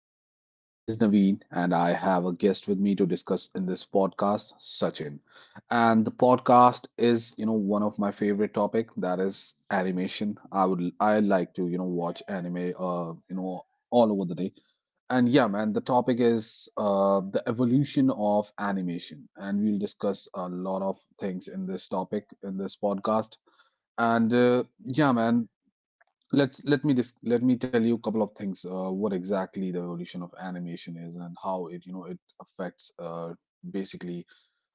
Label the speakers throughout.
Speaker 1: podcast. My name is Naveen, and I have a guest with me to discuss in this podcast, Sachin. And the podcast is, you know, one of my favorite topic that is animation. I like to, watch anime, all over the day. And yeah, man, the topic is the evolution of animation, and we'll discuss a lot of things in this topic in this podcast. And yeah, man, let me tell you a couple of things. What exactly the evolution of animation is and how it you know it affects basically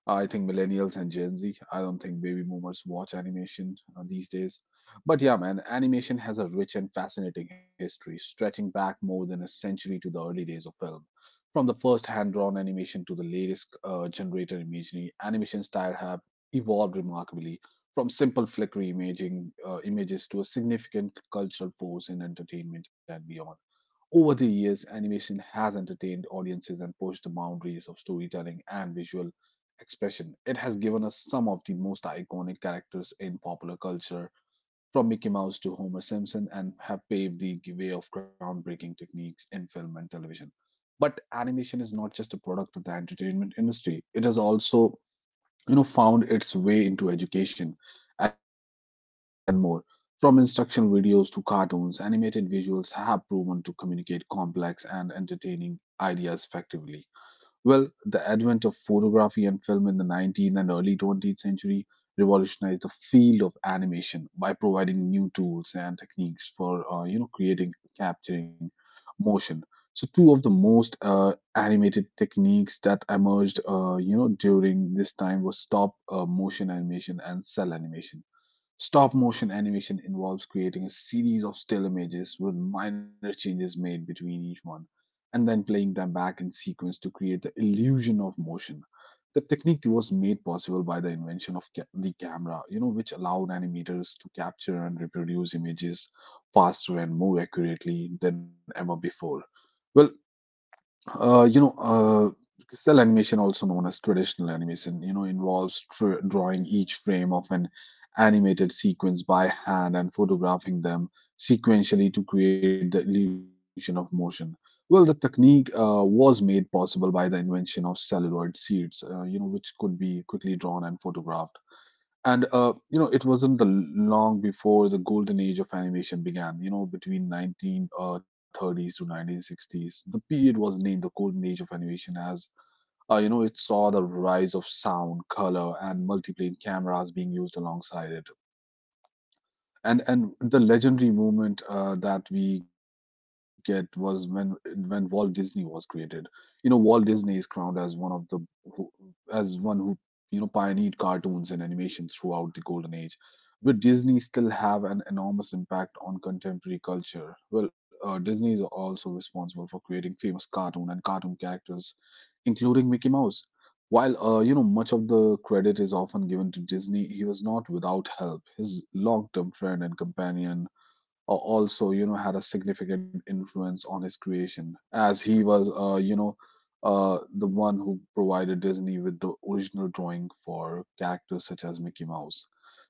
Speaker 1: I think millennials and Gen Z. I don't think baby boomers watch animation these days. But yeah, man, animation has a rich and fascinating history, stretching back more than a century to the early days of film. From the first hand drawn animation to the latest generated imagery, animation style have evolved remarkably from simple flickery images to a significant cultural force in entertainment and beyond. Over the years, animation has entertained audiences and pushed the boundaries of storytelling and visual expression. It has given us some of the most iconic characters in popular culture, from Mickey Mouse to Homer Simpson, and have paved the way of groundbreaking techniques in film and television. But animation is not just a product of the entertainment industry, it is also found its way into education, advertising campaigns, and more. From instructional videos to cartoons, animated visuals have proven to communicate complex and entertaining ideas effectively. Well, the advent of photography and film in the 19th and early 20th century revolutionized the field of animation by providing new tools and techniques for creating, capturing motion. So two of the most animated techniques that emerged during this time was stop motion animation and cell animation. Stop motion animation involves creating a series of still images with minor changes made between each one and then playing them back in sequence to create the illusion of motion. The technique was made possible by the invention of the camera, you know, which allowed animators to capture and reproduce images faster and more accurately than ever before. Well, cell animation, also known as traditional animation, involves drawing each frame of an animated sequence by hand and photographing them sequentially to create the illusion of motion. Well, the technique was made possible by the invention of celluloid sheets, which could be quickly drawn and photographed. And it wasn't the long before the golden age of animation began, you know, between 1930s to 1960s. The period was named the golden age of animation as, it saw the rise of sound, color, and multiplane cameras being used alongside it. And the legendary moment that we get was when Walt Disney was created. You know, Walt Disney is crowned as one of the who, as one who, pioneered cartoons and animations throughout the golden age. But Disney still have an enormous impact on contemporary culture. Well, Disney is also responsible for creating famous cartoon and cartoon characters, including Mickey Mouse. While, much of the credit is often given to Disney, he was not without help. His long-term friend and companion also you know had a significant influence on his creation, as he was the one who provided Disney with the original drawing for characters such as Mickey Mouse.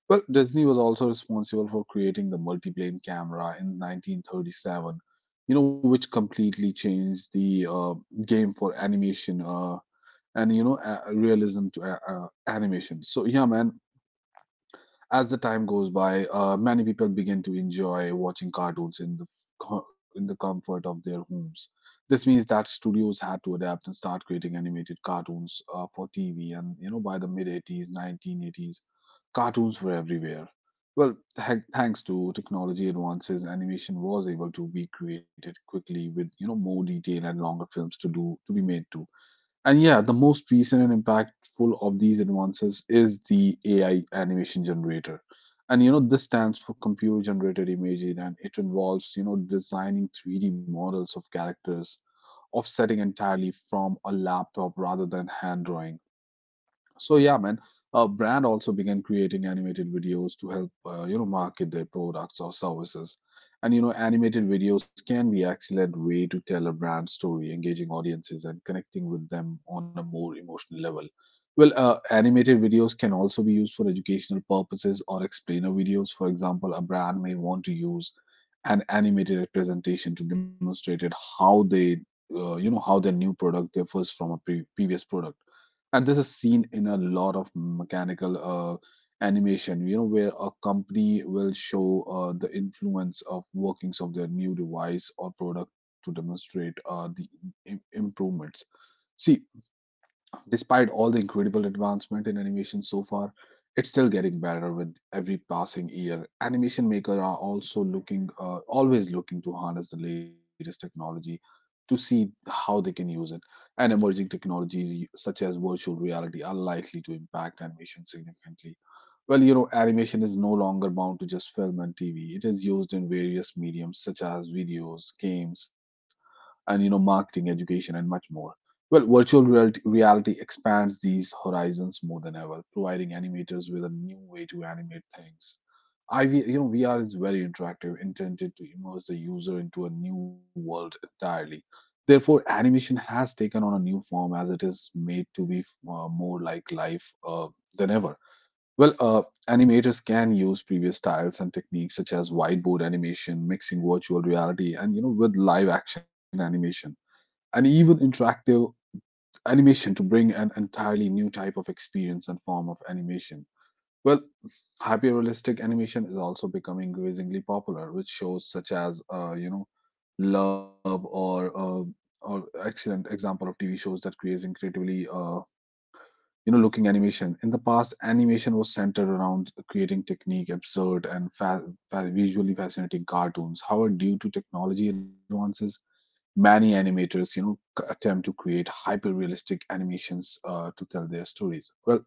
Speaker 1: Well, Disney was also responsible for creating the multiplane camera in 1937, you know, which completely changed the game for animation. And you know a- realism to animation. So yeah, man, as the time goes by, many people begin to enjoy watching cartoons in the in the comfort of their homes. This means that studios had to adapt and start creating animated cartoons for TV, and you know, by the mid 80s 1980s cartoons were everywhere. Well, thanks to technology advances, animation was able to be created quickly with, you know, more detail and longer films to do to be made too. And yeah, the most recent and impactful of these advances is the AI animation generator. And you know, this stands for computer generated imaging, and it involves, you know, designing 3D models of characters, offsetting entirely from a laptop rather than hand drawing. So yeah, man, brand also began creating animated videos to help, market their products or services. And you know, animated videos can be excellent way to tell a brand story, engaging audiences and connecting with them on a more emotional level. Well, animated videos can also be used for educational purposes or explainer videos. For example, a brand may want to use an animated representation to demonstrate it how they, you know, how their new product differs from a previous product. And this is seen in a lot of mechanical animation, you know, where a company will show the influence of workings of their new device or product to demonstrate the improvements. See, despite all the incredible advancement in animation so far, it's still getting better with every passing year. Animation makers are also always looking to harness the latest technology to see how they can use it. And emerging technologies such as virtual reality are likely to impact animation significantly. Well, you know, animation is no longer bound to just film and TV. It is used in various mediums such as videos, games, and, you know, marketing, education, and much more. Well, virtual reality expands these horizons more than ever, providing animators with a new way to animate things. I V- you know VR is very interactive, intended to immerse the user into a new world entirely. Therefore, animation has taken on a new form, as it is made to be more like life than ever. Well, animators can use previous styles and techniques such as whiteboard animation, mixing virtual reality, and you know with live action animation and even interactive animation to bring an entirely new type of experience and form of animation. Well, hyper-realistic animation is also becoming increasingly popular, with shows such as, Love or excellent example of TV shows that creates looking animation. In the past, animation was centered around creating technique, absurd and visually fascinating cartoons. However, due to technology advances, many animators, attempt to create hyper-realistic animations to tell their stories. Well,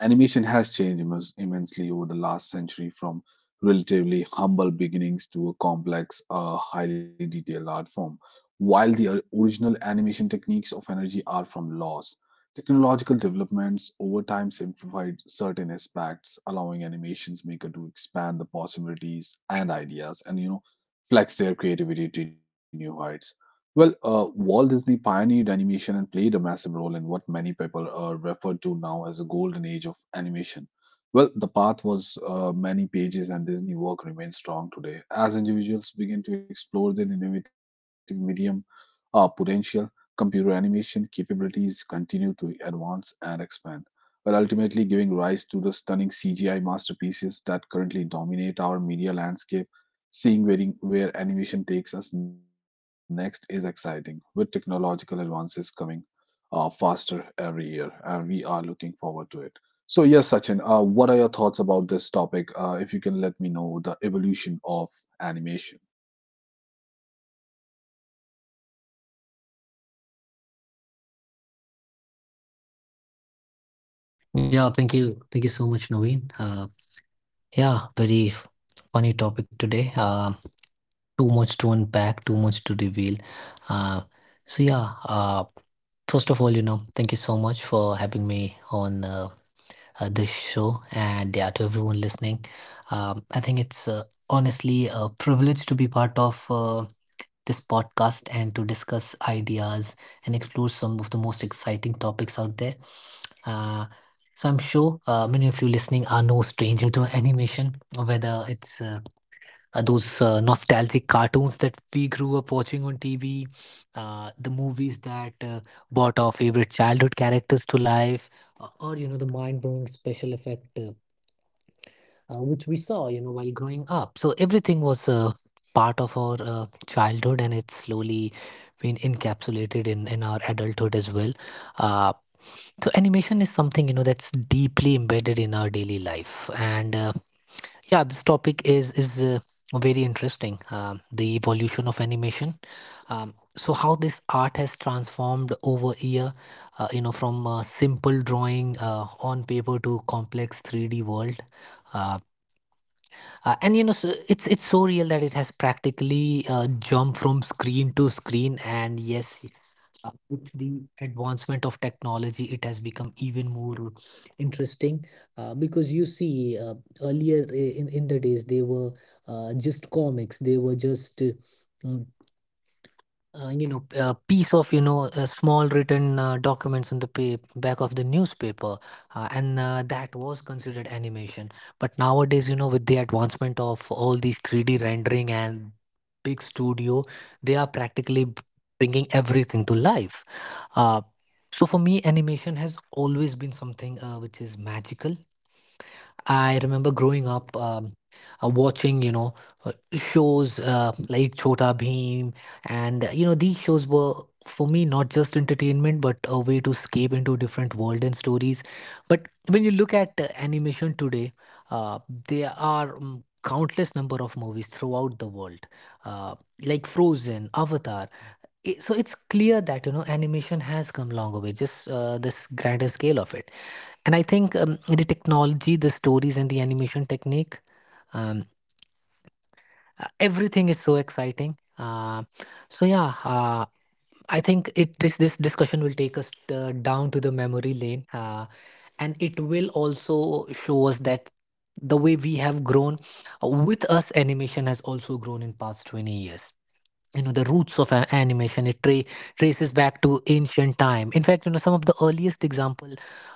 Speaker 1: animation has changed immensely over the last century from relatively humble beginnings to a complex, highly detailed art form. While the original animation techniques of energy are from laws, technological developments over time simplified certain aspects, allowing animations maker to expand the possibilities and ideas, and, you know, flex their creativity to new heights. Well, Walt Disney pioneered animation and played a massive role in what many people refer to now as a golden age of animation. Well, the path was many pages, and Disney work remains strong today. As individuals begin to explore their innovative medium potential, computer animation capabilities continue to advance and expand, while ultimately giving rise to the stunning CGI masterpieces that currently dominate our media landscape. Seeing where animation takes us next is exciting, with technological advances coming faster every year, and we are looking forward to it. So, yes, Sachin, what are your thoughts about this topic? If you can let me know the evolution of animation.
Speaker 2: Yeah, thank you. Thank you so much, Naveen. Yeah, funny topic today. Too much to unpack, too much to reveal. Uh, so, yeah, uh, First of all, thank you so much for having me on this show. And yeah, to everyone listening, I think it's honestly a privilege to be part of. This podcast and to discuss ideas and explore some of the most exciting topics out there. Uh, so I'm sure many of you listening are no stranger to animation, whether it's those nostalgic cartoons that we grew up watching on TV, the movies that brought our favorite childhood characters to life, or, you know, the mind-blowing special effect which we saw, you know, while growing up. So everything was part of our childhood, and it's slowly been encapsulated in our adulthood as well. Uh, so animation is something, you know, that's deeply embedded in our daily life, and yeah, this topic is very interesting. The evolution of animation, so how this art has transformed over year, you know, from simple drawing on paper to complex 3D world. Uh, and you know, so it's so real that it has practically jumped from screen to screen. And yes, with the advancement of technology, it has become even more interesting, because you see, earlier, in the days, they were just comics. They were just uh, you know, a piece of, you know, small written documents on the back of the newspaper, and that was considered animation. But nowadays, you know, with the advancement of all these 3D rendering and big studio, they are practically bringing everything to life. uh, so for me, animation has always been something which is magical. I remember growing up, watching, you know, shows like Chota Bheem, and you know, these shows were for me not just entertainment but a way to escape into different world and stories. But when you look at animation today, uh, there are countless number of movies throughout the world, uh, like Frozen, Avatar. So it's clear that, you know, animation has come long way, just this grander scale of it. And I think the technology, the stories, and the animation technique, um, everything is so exciting. So yeah uh, I think it, this discussion will take us down to the memory lane, and it will also show us that the way we have grown, with us animation has also grown in past 20 years. You know, the roots of animation, it traces back to ancient time. In fact, you know, some of the earliest example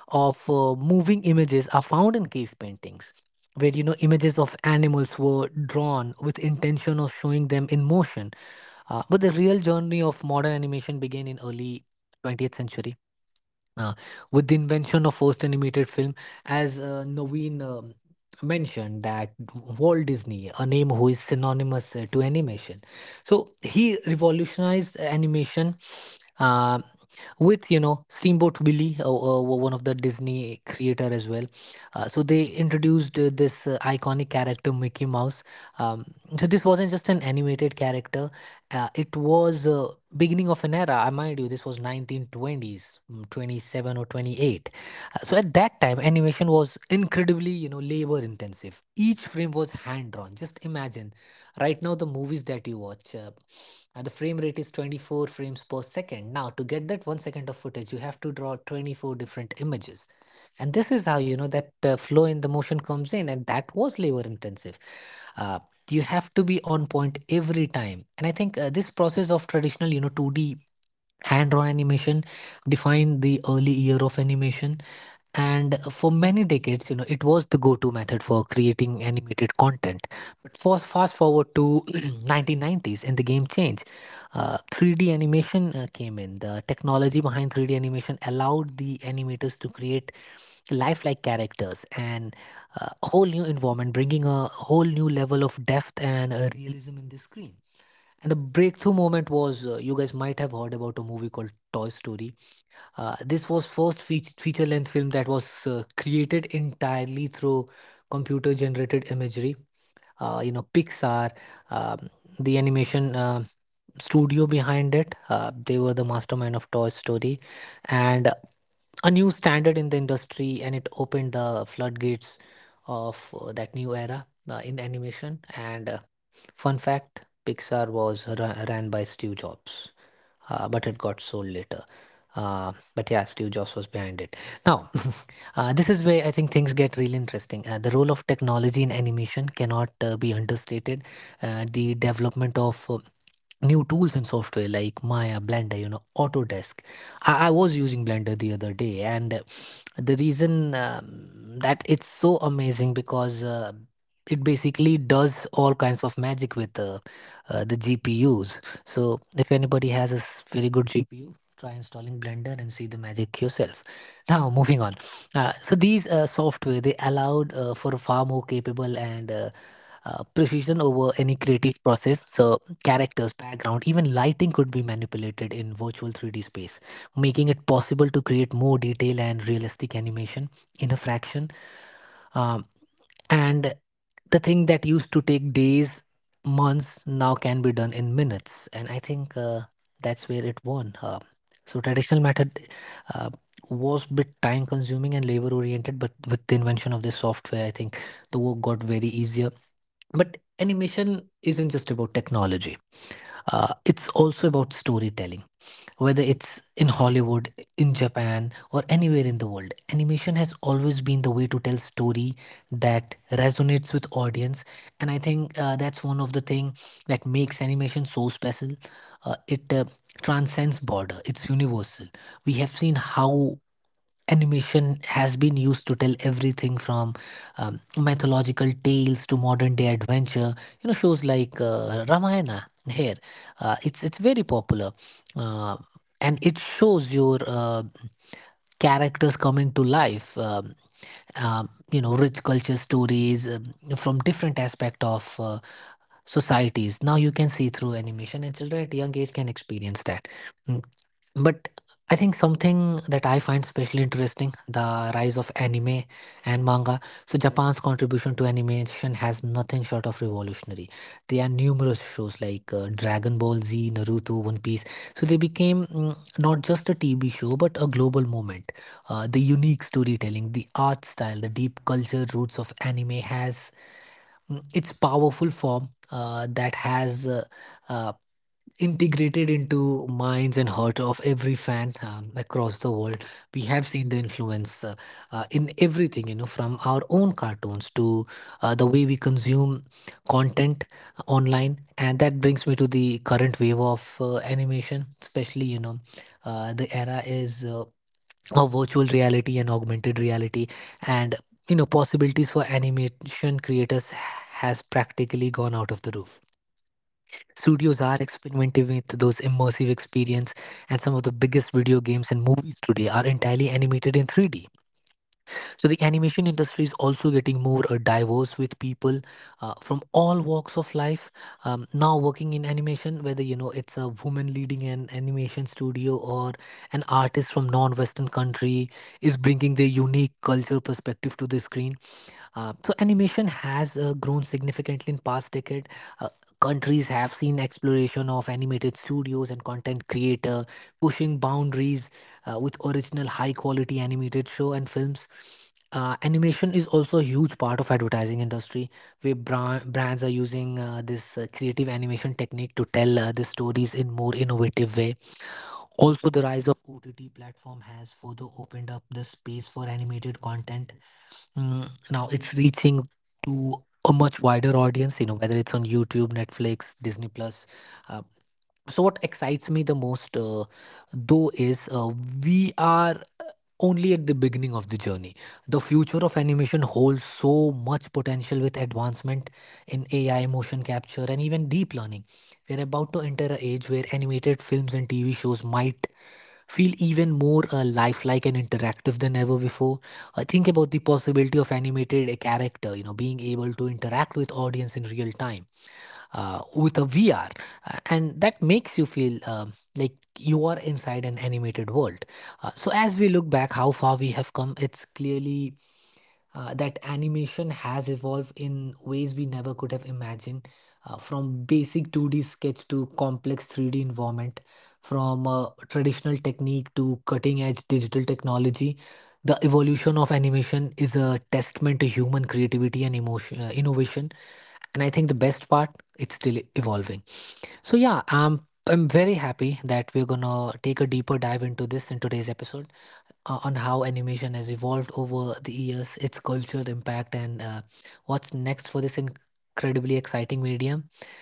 Speaker 2: of moving images are found in cave paintings, where, you know, images of animals were drawn with intention of showing them in motion. But the real journey of modern animation began in early 20th century, uh, with the invention of first animated film. As Naveen mentioned, that Walt Disney, a name who is synonymous to animation, so he revolutionized animation. Uh, with, you know, Steamboat Willie, one of the Disney creator as well. So they introduced this iconic character Mickey Mouse. Um, so this wasn't just an animated character; it was beginning of an era. I mind you, this was 1920s, 27 or 28. So at that time, animation was incredibly, you know, labor intensive. Each frame was hand drawn. Just imagine. Right now, the movies that you watch. And the frame rate is 24 frames per second. Now, to get that 1 second of footage, you have to draw 24 different images. And this is how, you know, that flow in the motion comes in, and that was labor intensive. Uh, you have to be on point every time. And I think this process of traditional, you know, 2D hand-drawn animation defined the early year of animation. And for many decades, you know, it was the go-to method for creating animated content. But fast forward to 1990s and the game changed. 3D animation came in. The technology behind 3D animation allowed the animators to create lifelike characters and a whole new environment, bringing a whole new level of depth and realism in the screen. And the breakthrough moment was, you guys might have heard about a movie called Toy Story. This was first feature length film that was created entirely through computer generated imagery. You know, Pixar, um, the animation studio behind it, they were the mastermind of Toy Story, and a new standard in the industry, and it opened the floodgates of that new era in animation. And fun fact, Pixar was ran by Steve Jobs, but it got sold later. But yeah, Steve Jobs was behind it. Now, this is where I think things get really interesting. The role of technology in animation cannot be understated. The development of new tools and software like Maya, Blender, you know, Autodesk. I was using Blender the other day, and the reason that it's so amazing because it basically does all kinds of magic with the GPUs. So if anybody has a very good GPU, try installing Blender and see the magic yourself. Now moving on. So these software, they allowed for far more capable and precision over any creative process. So characters, background, even lighting could be manipulated in virtual 3D space, making it possible to create more detail and realistic animation in a fraction. Um, and the thing that used to take days months now can be done in minutes. And I think that's where it won. So traditional method uh, was bit time consuming and labor oriented, but with the invention of this software, I think the work got very easier. But animation isn't just about technology. It's also about storytelling. Whether it's in Hollywood, in Japan, or anywhere in the world, animation has always been the way to tell story that resonates with audience. And I think that's one of the thing that makes animation so special. It transcends border. It's universal. We have seen how animation has been used to tell everything from mythological tales to modern day adventure. You know, shows like Ramayana here, it's very popular. uh, and it shows your characters coming to life, you know, rich culture stories from different aspect of societies. Now you can see through animation, and children at young age can experience that. Mm. But I think something that I find especially interesting, the rise of anime and manga. So, Japan's contribution to animation has nothing short of revolutionary. There are numerous shows like Dragon Ball Z, Naruto, One Piece. So, they became not just a TV show but a global movement. The unique storytelling, the art style, the deep culture roots of anime has its powerful form that has uh, integrated into minds and heart of every fan across the world. We have seen the influence in everything, you know, from our own cartoons to the way we consume content online. And that brings me to the current wave of animation, especially, you know, the era is of virtual reality and augmented reality. And you know, possibilities for animation creators has practically gone out of the roof. Studios are experimenting with those immersive experience, and some of the biggest video games and movies today are entirely animated in 3D. So the animation industry is also getting more diverse, with people from all walks of life now working in animation, whether, you know, it's a woman leading an animation studio or an artist from non-Western country is bringing their unique cultural perspective to the screen. So animation has grown significantly in past decade. Uh, Countries have seen exploration of animated studios and content creator pushing boundaries with original high quality animated show and films. Animation is also a huge part of advertising industry where brands are using this creative animation technique to tell the stories in more innovative way. Also, the rise of ott platform has further opened up the space for animated content. Now it's reaching to a much wider audience, you know, whether it's on youtube, netflix, disney plus. uh, so what excites me the most, though, is we are only at the beginning of the journey. The future of animation holds so much potential with advancement in AI, motion capture, and even deep learning. We're about to enter an age where animated films and TV shows might feel even more lifelike and interactive than ever before. I think about the possibility of animated character, you know, being able to interact with audience in real time with a VR, and that makes you feel like you are inside an animated world. So as we look back, how far we have come, it's clearly. That animation has evolved in ways we never could have imagined, from basic 2D sketch to complex 3D environment, from traditional technique to cutting edge digital technology, the evolution of animation is a testament to human creativity and emotion, innovation. And I think the best part, it's still evolving. So yeah, I'm very happy that we're gonna take a deeper dive into this in today's episode on how animation has evolved over the years, its cultural impact, and what's next for this incredibly exciting medium.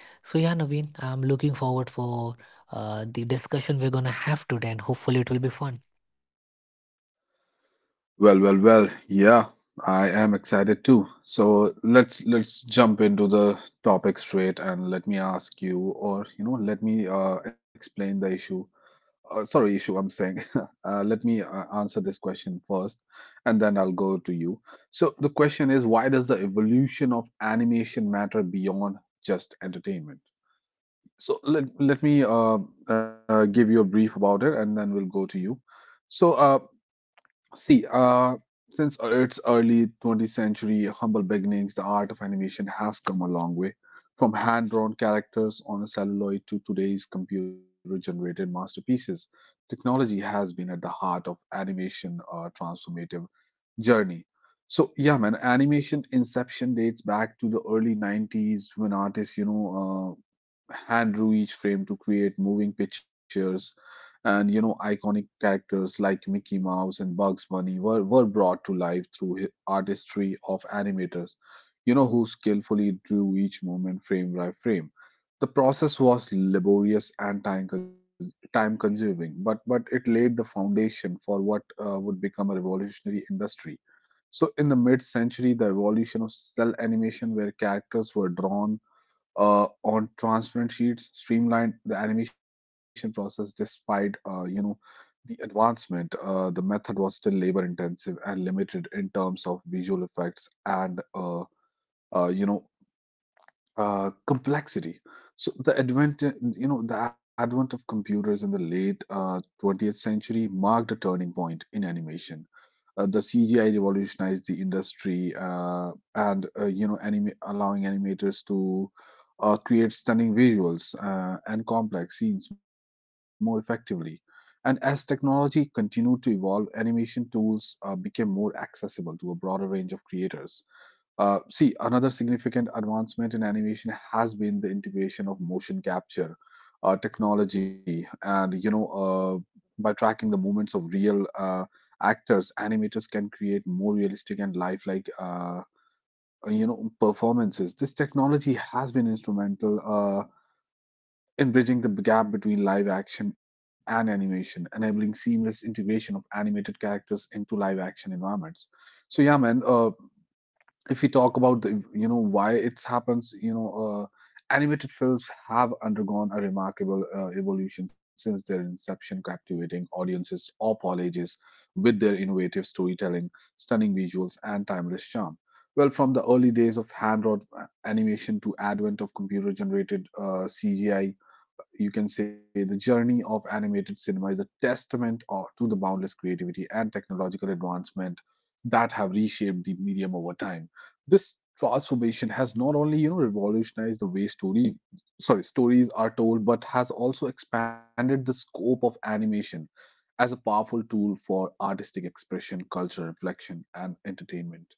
Speaker 2: So yeah, Naveen, I'm looking forward for the discussion we're gonna have today, and hopefully it will be fun.
Speaker 1: Well, well, well, yeah, I am excited too. So let's jump into the topic straight and let me ask you, or you know, let me explain the issue, I'm saying. Uh, let me answer this question first, and then I'll go to you. So the question is, why does the evolution of animation matter beyond just entertainment? So let me, give you a brief about it, and then we'll go to you. So See, since its early 20th century humble beginnings, the art of animation has come a long way, from hand-drawn characters on a celluloid to today's computer-generated masterpieces. Technology has been at the heart of animation, transformative journey. So yeah, man, animation inception dates back to the early 90s when artists, hand drew each frame to create moving pictures. And you know, iconic characters like Mickey Mouse and Bugs Bunny were brought to life through artistry of animators, you know, who skillfully drew each moment frame by frame. The process was laborious and time consuming, but it laid the foundation for what would become a revolutionary industry. So in the mid century, the evolution of cell animation, where characters were drawn on transparent sheets, streamlined the animation process. Despite the advancement, the method was still labor intensive and limited in terms of visual effects and uh, you know complexity. So the advent of computers in the late 20th century marked a turning point in animation. The CGI revolutionized the industry, and anime allowing animators to create stunning visuals and complex scenes more effectively. And as technology continued to evolve, animation tools became more accessible to a broader range of creators. See, another significant advancement in animation has been the integration of motion capture technology, and by tracking the movements of real actors, animators can create more realistic and lifelike, performances. This technology has been instrumental in bridging the gap between live action and animation, enabling seamless integration of animated characters into live action environments. So yeah, man. If we talk about the, you know why it happens you know animated films have undergone a remarkable evolution since their inception, captivating audiences of all ages with their innovative storytelling, stunning visuals, and timeless charm. Well, from the early days of hand drawn animation to advent of computer generated cgi, you can say the journey of animated cinema is a testament, to the boundless creativity and technological advancement that have reshaped the medium over time. This transformation has not only revolutionized the way stories are told, but has also expanded the scope of animation as a powerful tool for artistic expression, cultural reflection, and entertainment.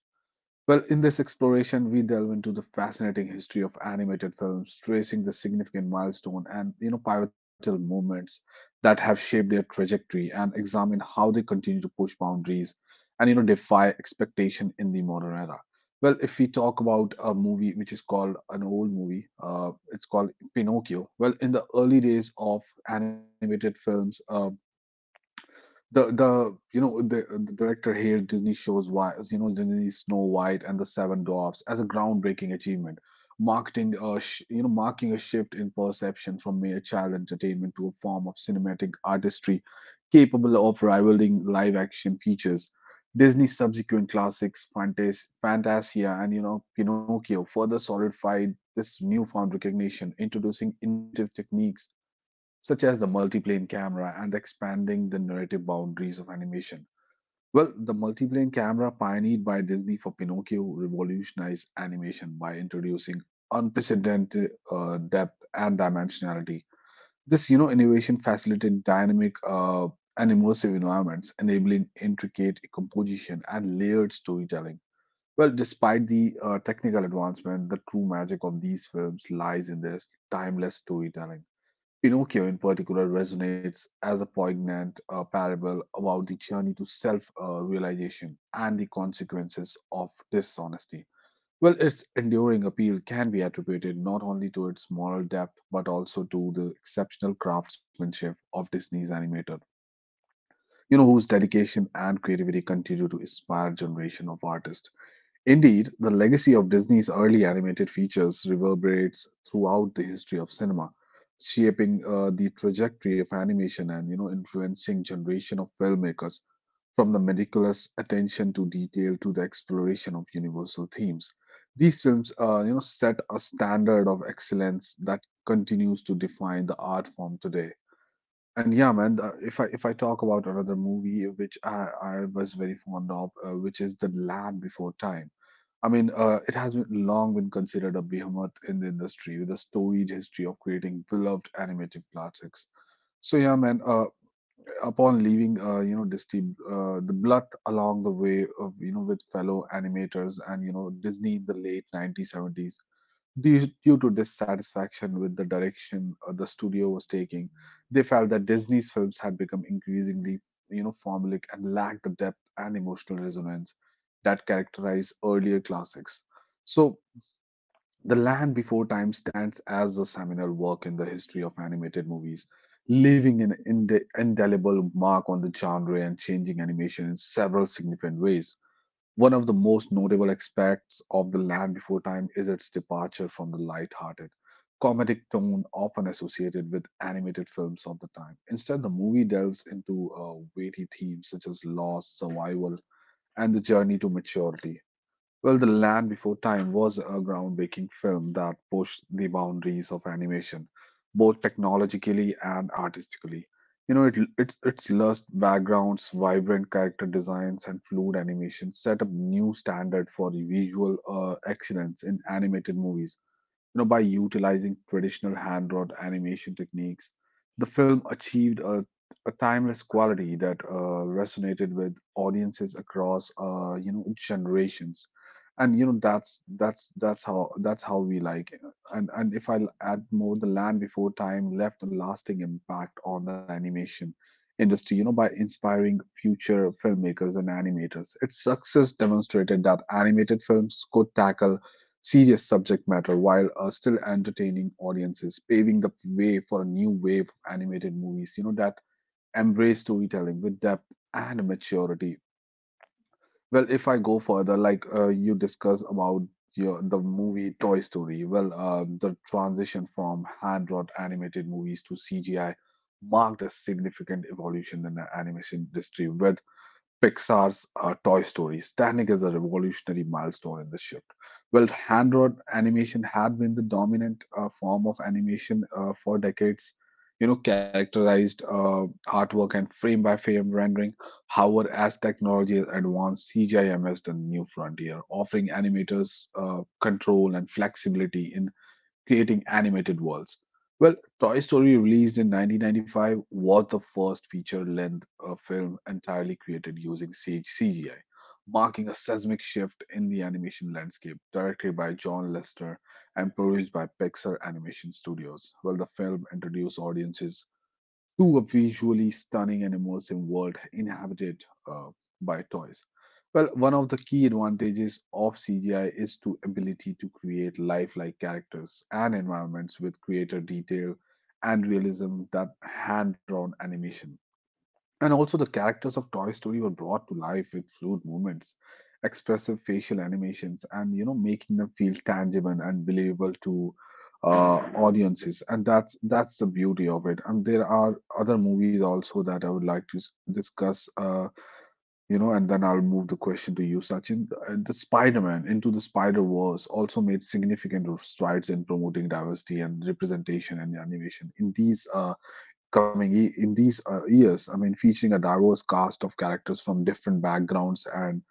Speaker 1: Well, in this exploration, we delve into the fascinating history of animated films, tracing the significant milestone and pivotal moments that have shaped their trajectory, and examine how they continue to push boundaries and defy expectation in the modern era. Well, if we talk about a movie which is called an old movie, it's called Pinocchio. Well, in the early days of animated films, the you know the director hailed Disney shows why Disney Snow White and the Seven Dwarfs as a groundbreaking achievement, marketing a sh- you know marking a shift in perception from mere child entertainment to a form of cinematic artistry capable of rivaling live action features. Disney's subsequent classics, Fantasia and Pinocchio, further solidified this newfound recognition, introducing innovative techniques such as the multiplane camera and expanding the narrative boundaries of animation. Well, the multiplane camera, pioneered by Disney for Pinocchio, revolutionized animation by introducing unprecedented depth and dimensionality. This, innovation facilitated dynamic and immersive environments, enabling intricate composition and layered storytelling. Well, despite the technical advancement, the true magic of these films lies in their timeless storytelling. Pinocchio, in particular, resonates as a poignant parable about the journey to self realization and the consequences of dishonesty. Well, its enduring appeal can be attributed not only to its moral depth, but also to the exceptional craftsmanship of Disney's animator, whose dedication and creativity continue to inspire generation of artists. Indeed, the legacy of Disney's early animated features reverberates throughout the history of cinema, shaping the trajectory of animation and influencing generation of filmmakers, from the meticulous attention to detail to the exploration of universal themes. These films set a standard of excellence that continues to define the art form today. And yeah, man, if I talk about another movie which I was very fond of, which is The Land Before Time. I mean, it has been long been considered a behemoth in the industry, with a storied history of creating beloved animated classics. So yeah, man. Upon leaving, Disney, the blood along the way of with fellow animators and Disney in the late 1970s. Due to dissatisfaction with the direction the studio was taking, they felt that Disney's films had become increasingly, formulaic and lacked the depth and emotional resonance that characterized earlier classics. So, The Land Before Time stands as a seminal work in the history of animated movies, leaving an indelible mark on the genre and changing animation in several significant ways. One of the most notable aspects of The Land Before Time is its departure from the light-hearted, comedic tone often associated with animated films of the time. Instead, the movie delves into weighty themes such as loss, survival, and the journey to maturity. Well, The Land Before Time was a groundbreaking film that pushed the boundaries of animation, both technologically and artistically. You know, it, its lush backgrounds, vibrant character designs, and fluid animation set a new standard for the visual excellence in animated movies. You know, by utilizing traditional hand drawn animation techniques, the film achieved a timeless quality that resonated with audiences across generations. And that's how we like. And if I add more, the Land Before Time left a lasting impact on the animation industry, by inspiring future filmmakers and animators. Its success demonstrated that animated films could tackle serious subject matter while still entertaining audiences, paving the way for a new wave of animated movies, that embrace storytelling with depth and maturity. Well, if I go further, like you discussed about the movie Toy Story, well, the transition from hand-drawn animated movies to CGI marked a significant evolution in the animation industry, with Pixar's Toy Story standing as a revolutionary milestone in the shift. Well, hand-drawn animation had been the dominant form of animation for decades, characterized artwork and frame-by-frame rendering. However, as technology has advanced, CGI emerged a new frontier, offering animators control and flexibility in creating animated worlds. Well, Toy Story, released in 1995, was the first feature length film entirely created using CGI, marking a seismic shift in the animation landscape. Directed by John Lester and produced by Pixar Animation Studios, well, the film introduced audiences to a visually stunning and immersive world inhabited uh, by toys. Well, one of the key advantages of CGI is to ability to create lifelike characters and environments with greater detail and realism than hand-drawn animation. And also, the characters of Toy Story were brought to life with fluid movements, expressive facial animations, and making them feel tangible and believable to audiences. And that's the beauty of it. And there are other movies also that I would like to discuss. And then I'll move the question to you, Sachin. The Spider-Man into the Spider-Verse also made significant strides in promoting diversity and representation and animation in these. In these years. I mean, featuring a diverse cast of characters from different backgrounds and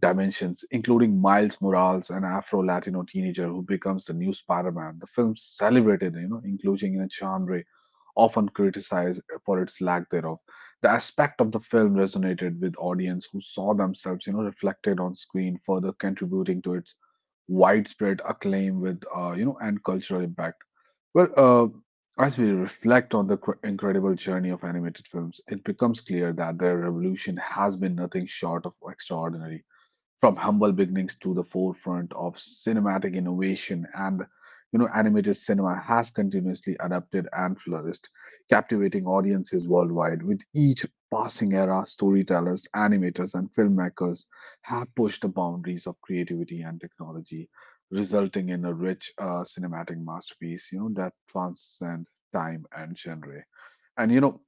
Speaker 1: dimensions, including Miles Morales, an Afro-Latino teenager who becomes the new Spider-Man. The film celebrated, inclusion in a genre often criticized for its lack thereof. The aspect of the film resonated with audience who saw themselves, reflected on screen, further contributing to its widespread acclaim with, you know, and cultural impact. Well, as we reflect on the incredible journey of animated films, it becomes clear that their revolution has been nothing short of extraordinary. From humble beginnings to the forefront of cinematic innovation, and animated cinema has continuously adapted and flourished, captivating audiences worldwide. With each passing era, storytellers, animators, and filmmakers have pushed the boundaries of creativity and technology, resulting in a rich cinematic masterpiece that transcend time and genre. And you know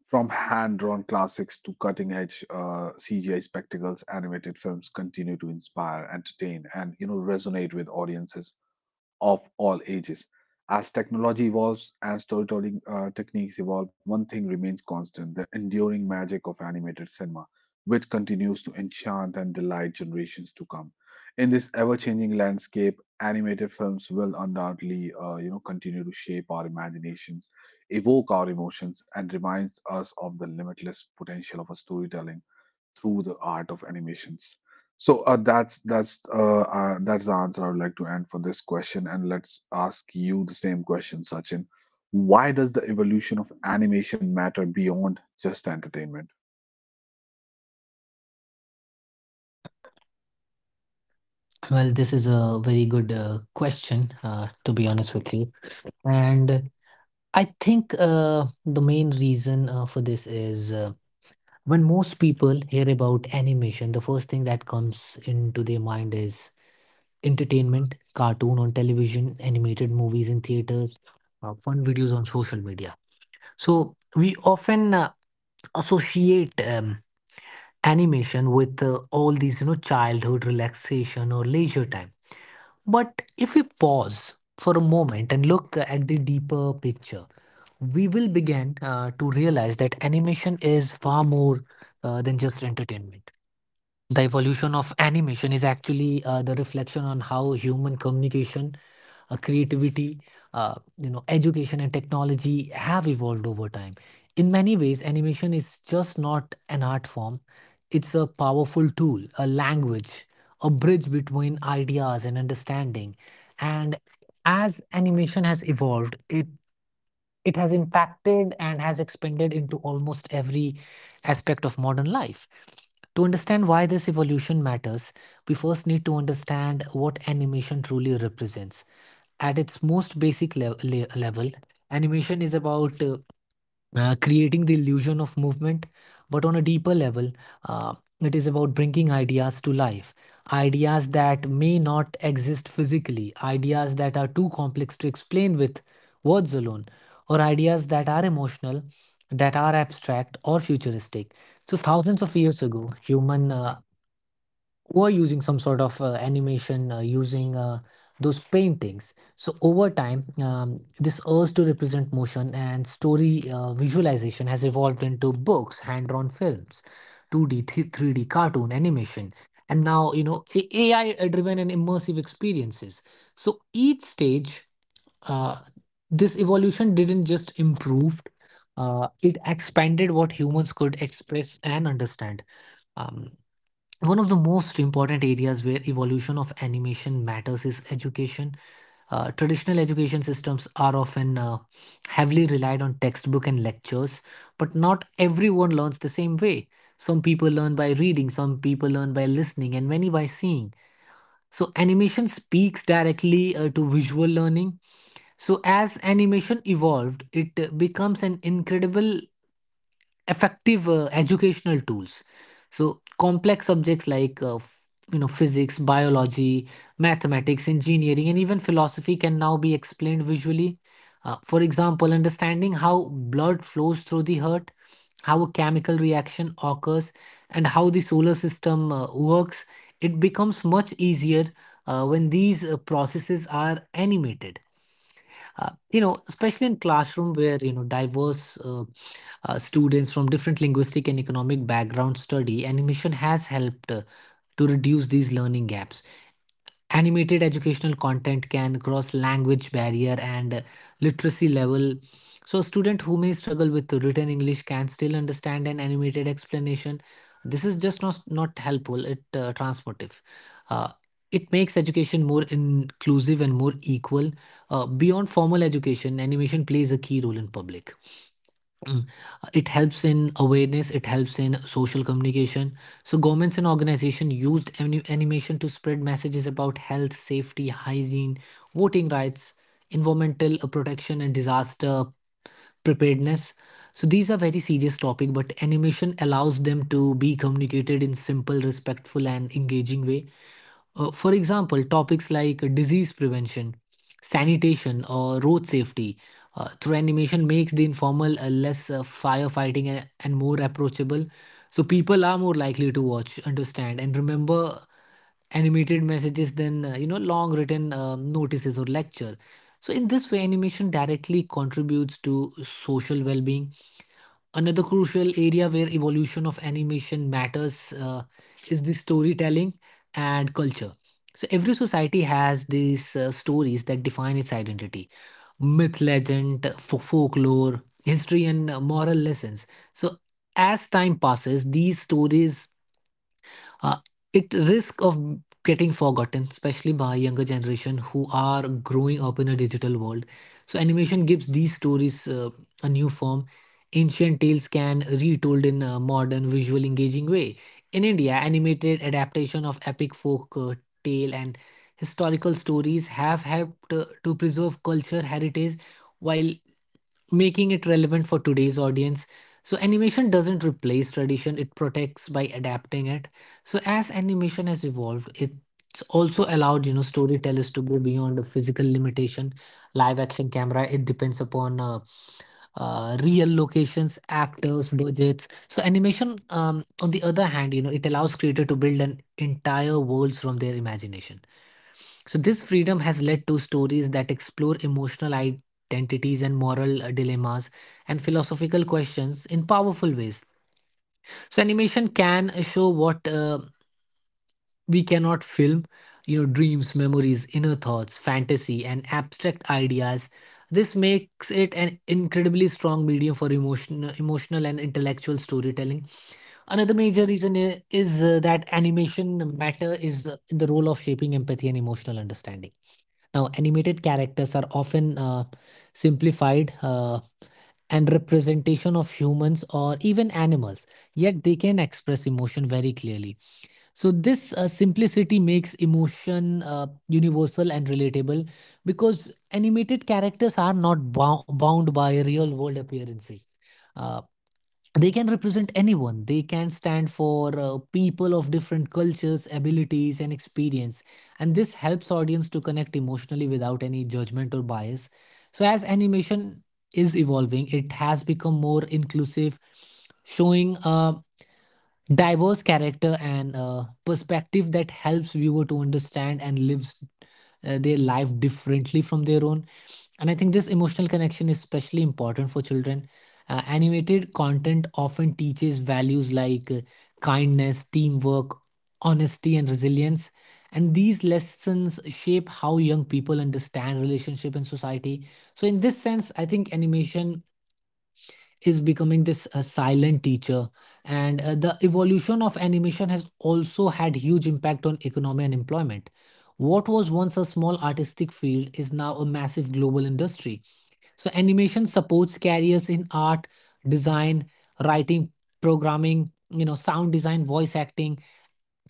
Speaker 1: From hand-drawn classics to cutting-edge CGI spectacles, animated films continue to inspire, entertain, and resonate with audiences of all ages. As technology evolves and storytelling techniques evolve, one thing remains constant: the enduring magic of animated cinema, which continues to enchant and delight generations to come. In this ever changing landscape, animated films will undoubtedly continue to shape our imaginations, evoke our emotions, and reminds us of the limitless potential of a storytelling through the art of animations. That's the answer I would like to end for this question. And let's ask you the same question, Sachin. Why does the evolution of animation matter beyond just entertainment?
Speaker 2: Well, this is a very good question, to be honest with you. And I think the main reason for this is when most people hear about animation, the first thing that comes into their mind is entertainment, cartoon on television, animated movies in theaters, fun videos on social media. So we often associate. Animation with all these, you know, childhood relaxation or leisure time. But if we pause for a moment and look at the deeper picture, we will begin to realize that animation is far more than just entertainment. The evolution of animation is actually the reflection on how human communication, creativity, you know, education and technology have evolved over time. In many ways, animation is just not an art form, it's a powerful tool, a language, a bridge between ideas and understanding. And as animation has evolved, it has impacted and has expanded into almost every aspect of modern life. To understand why this evolution matters, we first need to understand what animation truly represents. At its most basic level, animation is about creating the illusion of movement, but on a deeper level, uh, it is about bringing ideas to life. Ideas that may not exist physically, ideas that are too complex to explain with words alone, or ideas that are emotional, that are abstract, or futuristic. So, thousands of years ago, human were using some sort of animation using those paintings. So over time, this urge to represent motion and story visualization has evolved into books, hand-drawn films, 2D, 3D cartoon, animation, and now, you know, AI-driven and immersive experiences. So each stage, uh, this evolution didn't just improve. It expanded what humans could express and understand. Um, One of the most important areas where evolution of animation matters is education. Traditional education systems are often heavily relied on textbook and lectures, but not everyone learns the same way. Some people learn by reading, some people learn by listening, and many by seeing. So, animation speaks directly to visual learning. So, as animation evolved, it becomes an incredible effective educational tools. So complex subjects like you know, physics, biology, mathematics, engineering, and even philosophy can now be explained visually. For example, understanding how blood flows through the heart, how a chemical reaction occurs, and how the solar system works, it becomes much easier when these processes are animated. You know, especially in classroom where, you know, diverse students from different linguistic and economic backgrounds study, animation has helped to reduce these learning gaps. Animated educational content can cross language barrier and literacy level. So, a student who may struggle with written English can still understand an animated explanation. This is just not helpful, it transformative. Uh, it makes education more inclusive and more equal. Beyond formal education, animation plays a key role in public. Mm. It helps in awareness, it helps in social communication. So, governments and organizations used animation to spread messages about health, safety, hygiene, voting rights, environmental protection, and disaster preparedness. So, these are very serious topic, but animation allows them to be communicated in simple, respectful, and engaging way. For example, topics like disease prevention, sanitation, or road safety through animation makes the informal less firefighting and more approachable. So people are more likely to watch, understand, and remember animated messages than, you know, long written notices or lecture. So in this way, animation directly contributes to social well-being. Another crucial area where evolution of animation matters is the storytelling and culture. So every society has these stories that define its identity: myth, legend, folklore, history, and moral lessons. So as time passes, these stories uh, it risk of getting forgotten, especially by younger generation who are growing up in a digital world. So animation gives these stories a new form. Ancient tales can retold in a modern visual engaging way. In india, animated adaptation of epic folk tale and historical stories have helped to preserve culture heritage, while making it relevant for today's audience. So, animation doesn't replace tradition, it protects by adapting it. So, as animation has evolved, it's also allowed, you know, storytellers to go beyond the physical limitation. Live action camera, it depends upon real locations, actors, budgets. So, animation, on the other hand, you know, it allows creator to build an entire worlds from their imagination. So, this freedom has led to stories that explore emotional identities and moral dilemmas and philosophical questions in powerful ways. So, animation can show what, we cannot film, you know, dreams, memories, inner thoughts, fantasy, and abstract ideas. This makes it an incredibly strong medium for emotion, emotional and intellectual storytelling. Another major reason is that animation matter is in the role of shaping empathy and emotional understanding. Now, animated characters are often simplified and representation of humans or even animals, yet they can express emotion very clearly. So, this simplicity makes emotion universal and relatable because animated characters are not bound by real world appearances. Uh, they can represent anyone, they can stand for people of different cultures, abilities, and experience, and this helps audience to connect emotionally without any judgment or bias. So as animation is evolving, it has become more inclusive, showing diverse character and perspective that helps viewer to understand and lives their life differently from their own. And I think this emotional connection is especially important for children. Animated content often teaches values like kindness, teamwork, honesty, and resilience, and these lessons shape how young people understand relationship and society. So in this sense, I think animation is becoming this silent teacher. And the evolution of animation has also had huge impact on economy and employment. What was once a small artistic field is now a massive global industry. So animation supports careers in art, design, writing, programming, you know, sound design, voice acting,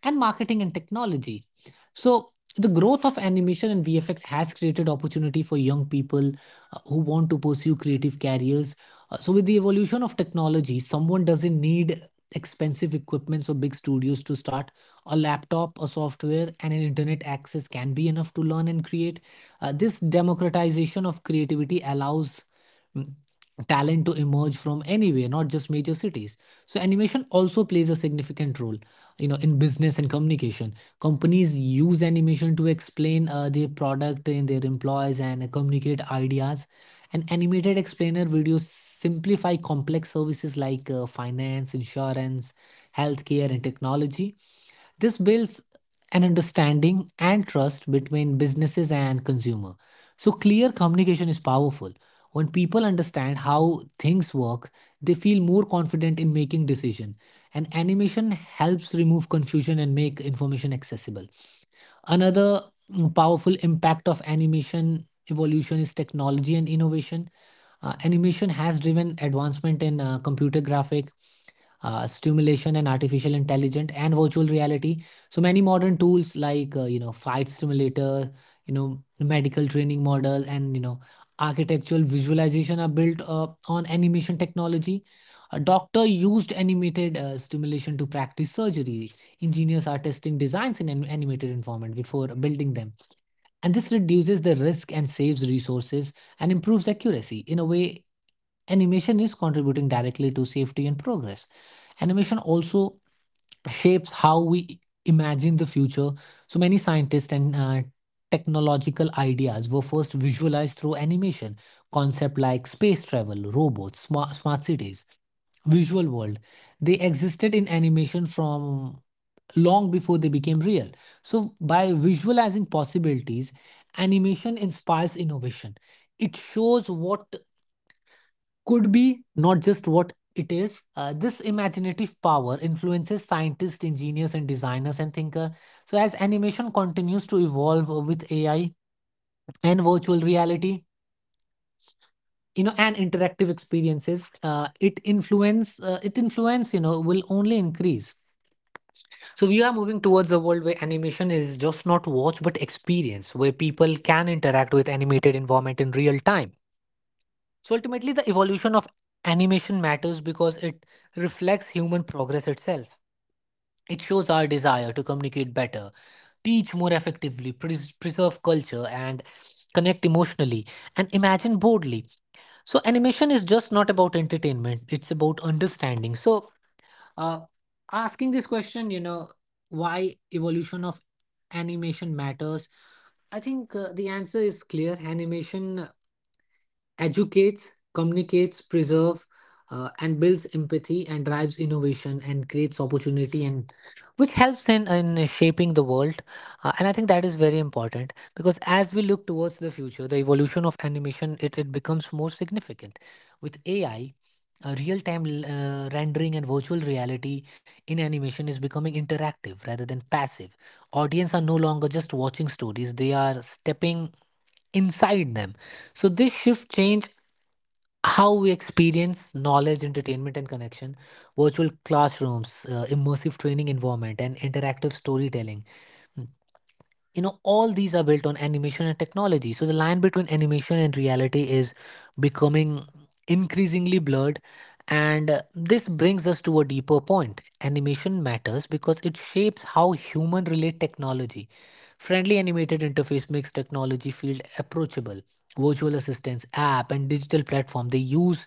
Speaker 2: and marketing and technology. So, the growth of animation and VFX has created opportunity for young people who want to pursue creative careers. So, with the evolution of technology, someone doesn't need expensive equipments or big studios to start. A laptop, a software, and an internet access can be enough to learn and create. This democratization of creativity allows mm, talent to emerge from anywhere, not just major cities. So animation also plays a significant role, you know, in business and communication. Companies use animation to explain their product and their employees and communicate ideas. And animated explainer videos simplify complex services like finance, insurance, healthcare, and technology. This builds an understanding and trust between businesses and consumer. So clear communication is powerful. When people understand how things work, they feel more confident in making decision, and animation helps remove confusion and make information accessible. Another powerful impact of animation evolution is technology and innovation. Animation has driven advancement in computer graphic, stimulation and artificial intelligence and virtual reality. So many modern tools like, you know, flight simulator, you know, medical training model, and, you know, architectural visualization are built on animation technology. A doctor used animated stimulation to practice surgery. Engineers are testing designs in an animated environment before building them. And this reduces the risk and saves resources and improves accuracy. In a way, animation is contributing directly to safety and progress. Animation also shapes how we imagine the future. So many scientists and technological ideas were first visualized through animation. Concepts like space travel, robots, smart cities, visual world, they existed in animation from long before they became real. So, by visualizing possibilities, animation inspires innovation. It shows what could be, not just what it is. This imaginative power influences scientists, engineers, and designers and thinkers. So, as animation continues to evolve with AI and virtual reality, and interactive experiences it influence you know will only increase. So we are moving towards a world where animation is just not watch but experience, where people can interact with animated environment in real time. So ultimately, the evolution of animation matters because it reflects human progress itself. It shows our desire to communicate better, teach more effectively, preserve culture, and connect emotionally and imagine boldly. So animation is just not about entertainment; it's about understanding. Uh, Asking this question, why evolution of animation matters, I think the answer is clear. Animation educates, communicates, preserve, and builds empathy and drives innovation and creates opportunity and which helps in shaping the world. And I think that is very important because as we look towards the future, the evolution of animation, it becomes more significant. With AI, real-time rendering and virtual reality in animation is becoming interactive rather than passive. Audience are no longer just watching stories, they are stepping inside them. So this shift change how we experience knowledge, entertainment, and connection, virtual classrooms, immersive training environment, and interactive storytelling. Hmm you know all these are built on animation and technology, so the line between animation and reality is becoming increasingly blurred. And this brings us to a deeper point: animation matters because it shapes how human relate technology. Friendly animated interface makes technology feel approachable. Virtual assistants app and digital platform, they use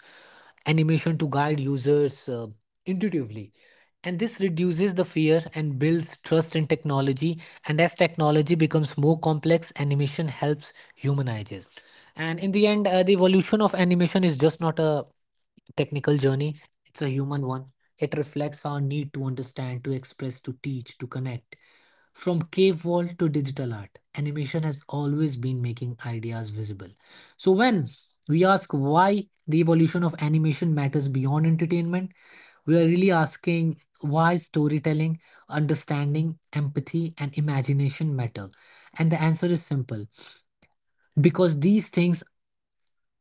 Speaker 2: animation to guide users intuitively, and this reduces the fear and builds trust in technology. And as technology becomes more complex, animation helps humanize it. And in the end, the evolution of animation is just not a technical journey, it's a human one. It reflects our need to understand, to express, to teach, to connect. From cave wall to digital art, animation has always been making ideas visible. So, when we ask why the evolution of animation matters beyond entertainment, we are really asking why storytelling, understanding, empathy, and imagination matter. And the answer is simple, because these things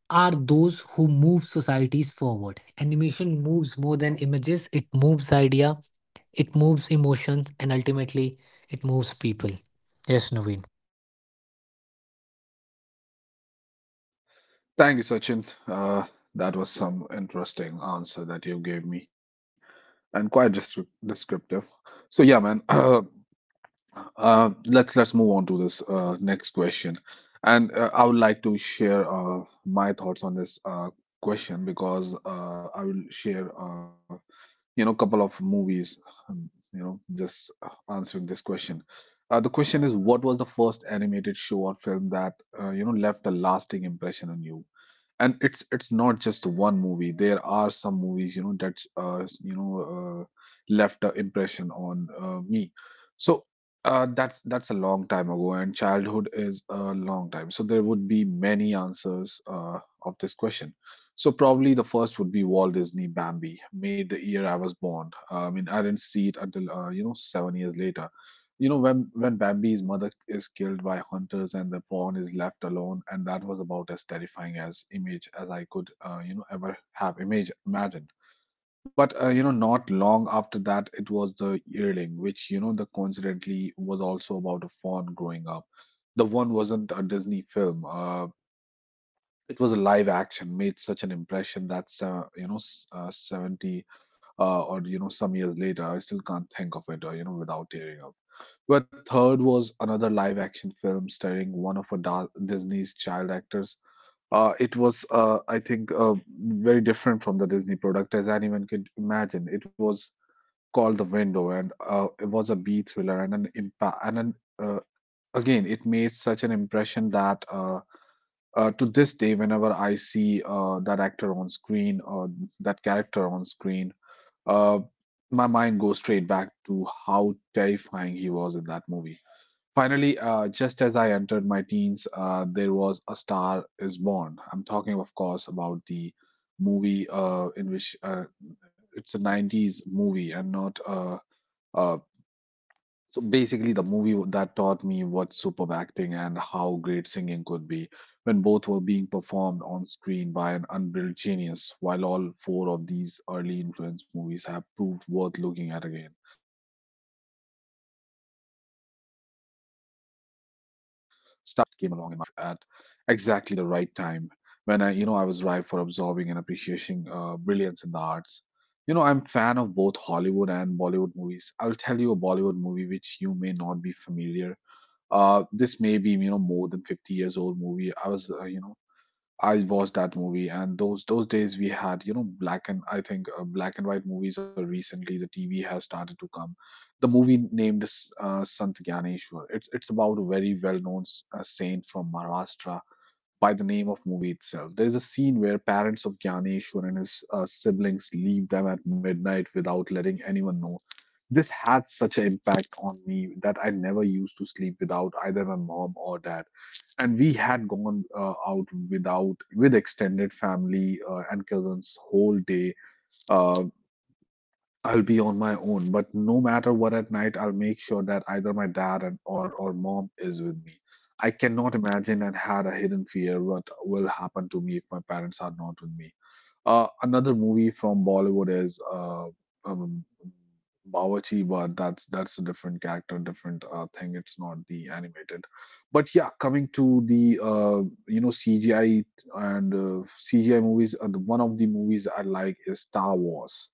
Speaker 2: are those who move societies forward. Animation moves more than images, it moves idea, it moves emotions, and ultimately it moves people. Yes, Naveen.
Speaker 1: Thank you, Sachin. That was some interesting answer that you gave me, and quite descriptive. So yeah, man. Let's move on to this next question, and I would like to share my thoughts on this question because I will share couple of movies um, by just answering this question. The question is, what was the first animated show or film that left a lasting impression on you? And it's not just one movie. There are some movies, you know, left an impression on me. So that's a long time ago, and childhood is a long time, so there would be many answers of this question. So probably the first would be Walt Disney Bambi, made the year I was born. I mean, I didn't see it until 7 years later. You know, when Bambi's mother is killed by hunters and the fawn is left alone, and that was about as terrifying as image as I could, ever have image imagined. But not long after that, it was The Yearling, which, you know, the coincidentally was also about a fawn growing up. The one wasn't a Disney film. It was a live action, made such an impression that 70 some years later, I still can't think of it, without tearing up. Her third was another live action film starring one of Disney's child actors. It was, I think, very different from the Disney product as anyone could imagine. It was called The Window, and it was a B thriller and an impact. Uh, again, it made such an impression that to this day, whenever I see that actor on screen or that character on screen, uh, my mind goes straight back to how terrifying he was in that movie. Finally, just as I entered my teens, there was A Star Is Born. I'm talking, of course, about the movie in which it's a 90s movie and not. Uh, so basically, the movie that taught me what superb acting and how great singing could be when both were being performed on screen by an unbridled genius, while all four of these early influence movies have proved worth looking at again. Star is one I'm sure to watch every year, and I'm always grateful that it came along in my life at exactly the right time when I was ripe for absorbing and appreciating brilliance in the arts. You know, I'm fan of both Hollywood and Bollywood movies. I'll tell you a Bollywood movie which you may not be familiar. This may be, you know, more than 50 years old movie. I was, I watched that movie, and those days we had, you know, black and I think black and white movies, or recently the TV has started to come. The movie named Sant Gyaneshwar. It's about a very well known saint from Maharashtra by the name of movie itself. There is a scene where parents of Gyaneshwar and his siblings leave them at midnight without letting anyone know. This had such an impact on me that I never used to sleep without either my mom or dad, and we had gone out without with extended family and cousins whole day. uh, I'll be on my own, but no matter what, at night I'll make sure that either my dad and or mom is with me. I cannot imagine, and had a hidden fear what will happen to me if my parents are not with me. Another movie from Bollywood is um, Bawarchi, but that's a different character, different thing. It's not the animated. But yeah, coming to the CGI and CGI movies, one of the movies I like is Star Wars,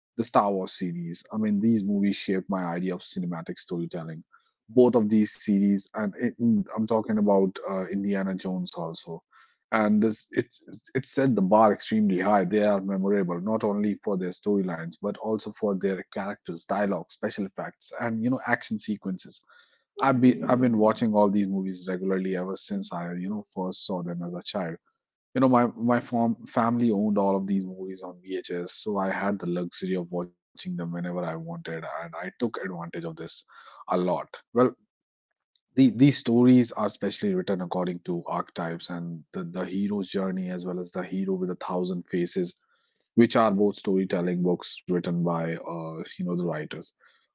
Speaker 1: the Star Wars series. I mean, these movies shaped my idea of cinematic storytelling. Both of these series, and it, I'm talking about Indiana Jones also. And this, it set the bar extremely high. They are memorable not only for their storylines but also for their characters, dialogue, special effects, and you know action sequences. I've been watching all these movies regularly ever since I, you know, first saw them as a child. You know, family owned all of these movies on vhs, so I had the luxury of watching them whenever I wanted, and I took advantage of this a lot. Well, these stories are specially written according to archetypes and the hero's journey, as well as the hero with a thousand faces, which are both storytelling books written by the writers.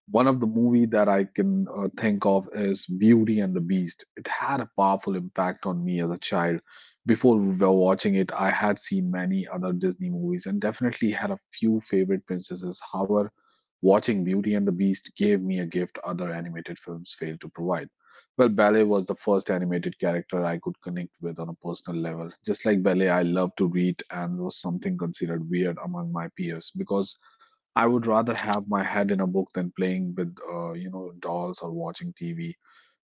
Speaker 1: One of the movie that I can think of is Beauty and the Beast. It had a powerful impact on me as a child. Before we were watching it, I had seen many other Disney movies and definitely had a few favorite princesses. However, watching Beauty and the Beast gave me a gift other animated films failed to provide. Well, ballet was the first animated character I could connect with on a personal level. Just like ballet, I loved to read and was something considered weird among my peers because I would rather have my head in a book than playing with, dolls or watching TV.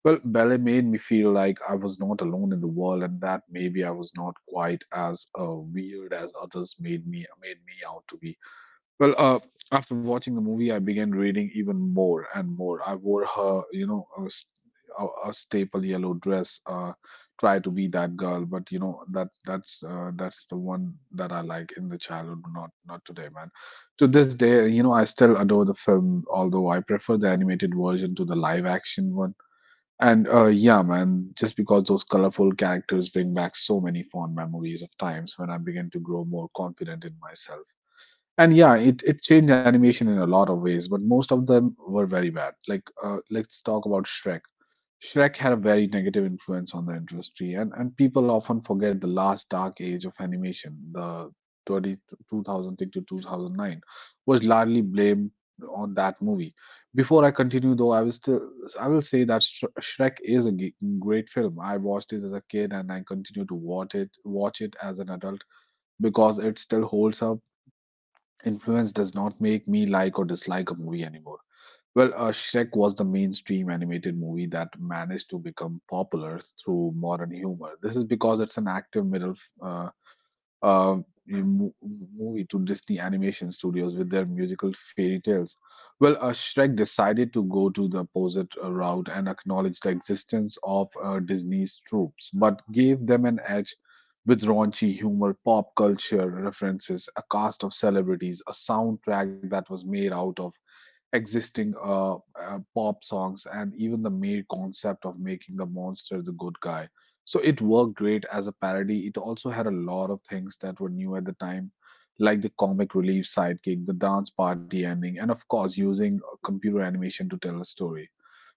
Speaker 1: Well, ballet made me feel like I was not alone in the world and that maybe I was not quite as weird as others made me out to be. Well, after watching the movie, I began reading even more and more. I wore her, you know, a staple yellow dress. Try to be that girl, but you know, that's the one that I like in the childhood, not today, man. To this day, you know, I still adore the film, although I prefer the animated version to the live action one. And yeah, man, just because those colorful characters bring back so many fond memories of times when I began to grow more confident in myself. And yeah, it changed animation in a lot of ways, but most of them were very bad. Like, let's talk about Shrek. Shrek had a very negative influence on the industry, and, people often forget the last dark age of animation, the 30, 2006 to 2009, was largely blamed on that movie. Before I continue, though, I will say that Shrek is a great film. I watched it as a kid, and I continue to watch it as an adult because it still holds up. Influence does not make me like or dislike a movie anymore. Well, Shrek was the mainstream animated movie that managed to become popular through modern humor. This is because it's an active middle uh, uh, movie to Disney Animation Studios with their musical fairy tales. Well, Shrek decided to go to the opposite route and acknowledge the existence of Disney's troops, but gave them an edge with raunchy humor, pop culture references, a cast of celebrities, a soundtrack that was made out of existing pop songs and even the mere concept of making the monster the good guy. So it worked great as a parody. It also had a lot of things that were new at the time, like the comic relief sidekick, the dance party ending, and of course, using computer animation to tell a story.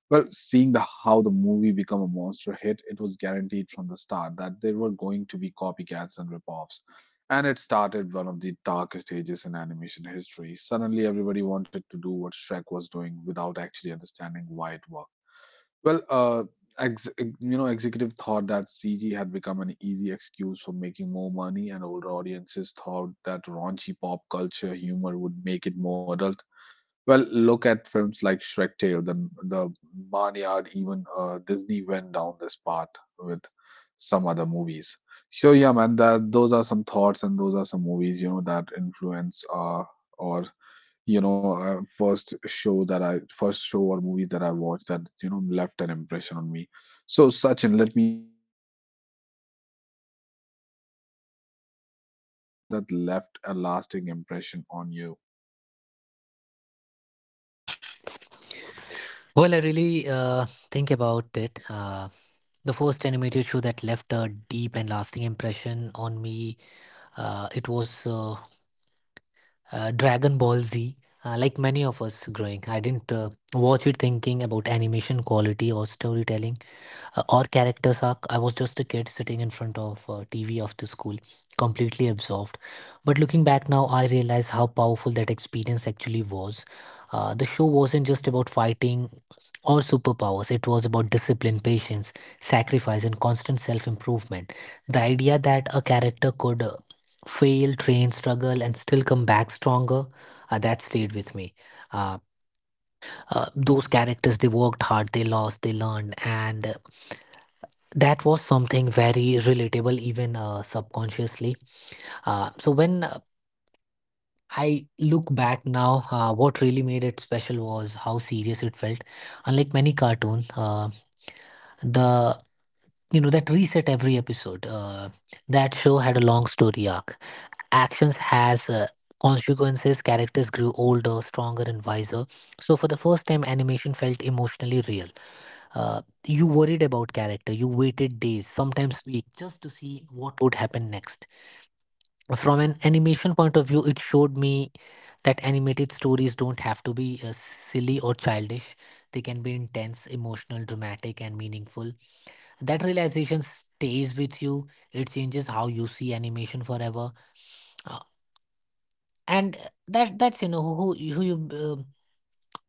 Speaker 1: Well, seeing the how the movie become a monster hit, it was guaranteed from the start that there were going to be copycats and rip-offs. And it started one of the darkest ages in animation history. Suddenly, everybody wanted to do what Shrek was doing without actually understanding why it worked. Well, executive thought that CG had become an easy excuse for making more money, and older audiences thought that raunchy pop culture humor would make it more adult. Well, look at films like Shrek Tale, the Barnyard, even Disney went down this path with some other movies. So yeah, man, that those are some thoughts and those are some movies, you know, that influence or you know first show that I first show or movies that I watched that, you know, left an impression on me. So Sachin, let me ask you the same question. What was the first animated show or film, you know, that left a lasting impression on you?
Speaker 2: Well, I really think about it. The first animated show that left a deep and lasting impression on me, it was Dragon Ball Z. Like many of us growing, I didn't watch it thinking about animation quality or storytelling. Or characters arc. I was just a kid sitting in front of TV of the school, completely absorbed. But looking back now, I realize how powerful that experience actually was. The show wasn't just about fighting or superpowers, it was about discipline, patience, sacrifice, and constant self improvement. The idea that a character could fail, train, struggle, and still come back stronger, that stayed with me. Uh, those characters, they worked hard, they lost, they learned, and that was something very relatable, even subconsciously. So when I look back now, what really made it special was how serious it felt. Unlike many cartoons, the that reset every episode. That show had a long story arc. Actions has consequences. Characters grew older, stronger, and wiser. So for the first time, animation felt emotionally real. You worried about character, you waited days, sometimes weeks, just to see what would happen next. From an animation point of view, it showed me that animated stories don't have to be silly or childish. They can be intense, emotional, dramatic, and meaningful. That realization stays with you. It changes how you see animation forever. Uh, and that that's you know who you uh,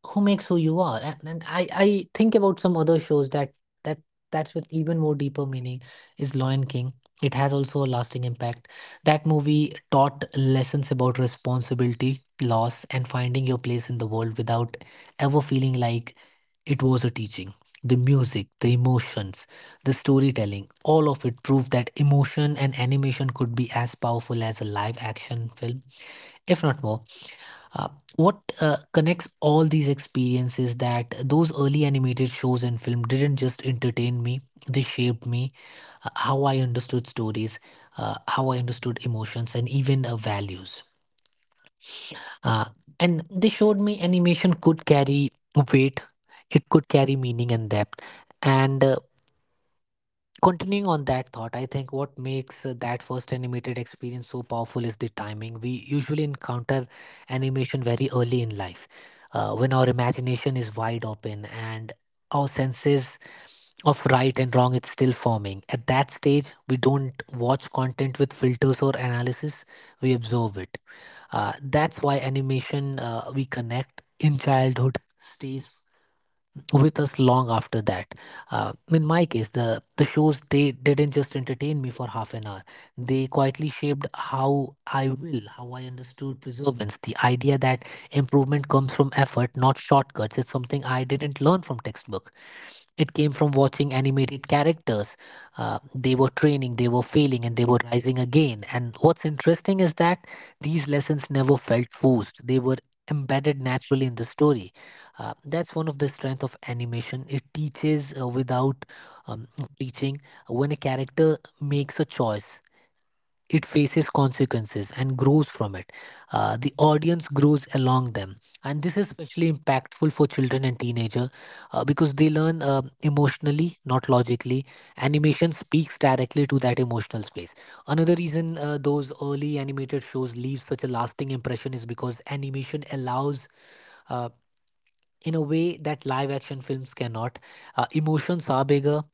Speaker 2: who makes who you are, and I think about some other shows that that that's with even more deeper meaning is Lion King. It has also a lasting impact. That movie taught lessons about responsibility, loss, and finding your place in the world without ever feeling like it was a teaching. The music, the emotions, the storytelling, all of it proved that emotion and animation could be as powerful as a live action film, if not more. Uh, what connects all these experiences that those early animated shows and film didn't just entertain me, they shaped me, how I understood stories, how I understood emotions, and even values. Uh, and they showed me animation could carry weight, it could carry meaning and depth. And continuing on that thought, I think what makes that first animated experience so powerful is the timing. We usually encounter animation very early in life, when our imagination is wide open and our senses of right and wrong is still forming. At that stage, we don't watch content with filters or analysis, we observe it. Uh, that's why animation we connect in childhood stays with us long after that. In my case, the shows they didn't just entertain me for half an hour. They quietly shaped how I will, how I understood perseverance. The idea that improvement comes from effort, not shortcuts, is something I didn't learn from textbook. It came from watching animated characters. They were training, they were failing, and they were rising again. And what's interesting is that these lessons never felt forced. They were embedded naturally in the story. That's one of the strength of animation. It teaches without um, preaching. When a character makes a choice, it faces consequences and grows from it. The audience grows along them, and this is especially impactful for children and teenager because they learn emotionally, not logically. Animation speaks directly to that emotional space. Another reason those early animated shows leave such a lasting impression is because animation allows. Uh, in a way that live action films cannot. Emotions are bigger,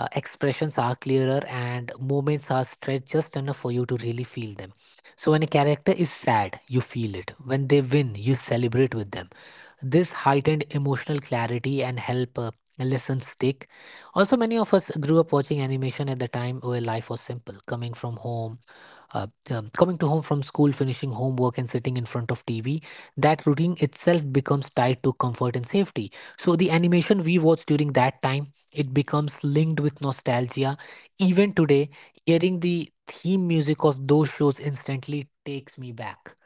Speaker 2: expressions are clearer, and moments are stretched just enough for you to really feel them. So, when a character is sad, you feel it. When they win, you celebrate with them. This heightened emotional clarity and help. Lessons stick. Also, many of us grew up watching animation at the time where life was simple, coming from home coming to home from school, finishing homework and sitting in front of TV. That routine itself becomes tied to comfort and safety, so the animation we watch during that time, it becomes linked with nostalgia. Even today, hearing the theme music of those shows instantly takes me back.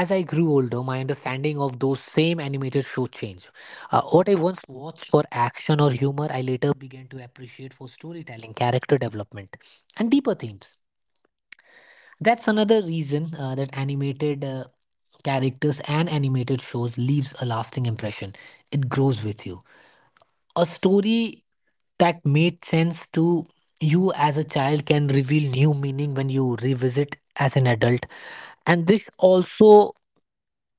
Speaker 2: As I grew older, my understanding of those same animated shows changed. What I once watched for action or humor, I later began to appreciate for storytelling, character development, and deeper themes. That's another reason that animated characters and animated shows leaves a lasting impression. It grows with you. A story that made sense to you as a child can reveal new meaning when you revisit as an adult. And this also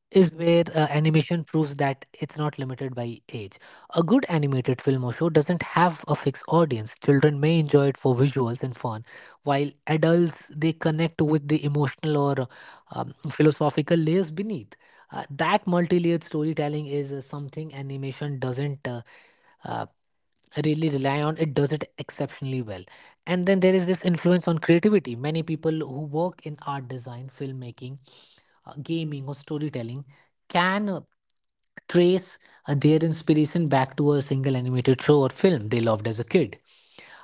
Speaker 2: is where animation proves that it's not limited by age. A good animated film or show doesn't have a fixed audience. Children may enjoy it for visuals and fun, while adults they connect with the emotional or philosophical layers beneath. That multi-layered storytelling is something animation doesn't uh, really rely on. It does it exceptionally well. And then there is this influence on creativity. Many people who work in art, design, filmmaking, gaming, or storytelling can trace their inspiration back to a single animated show or film they loved as a kid.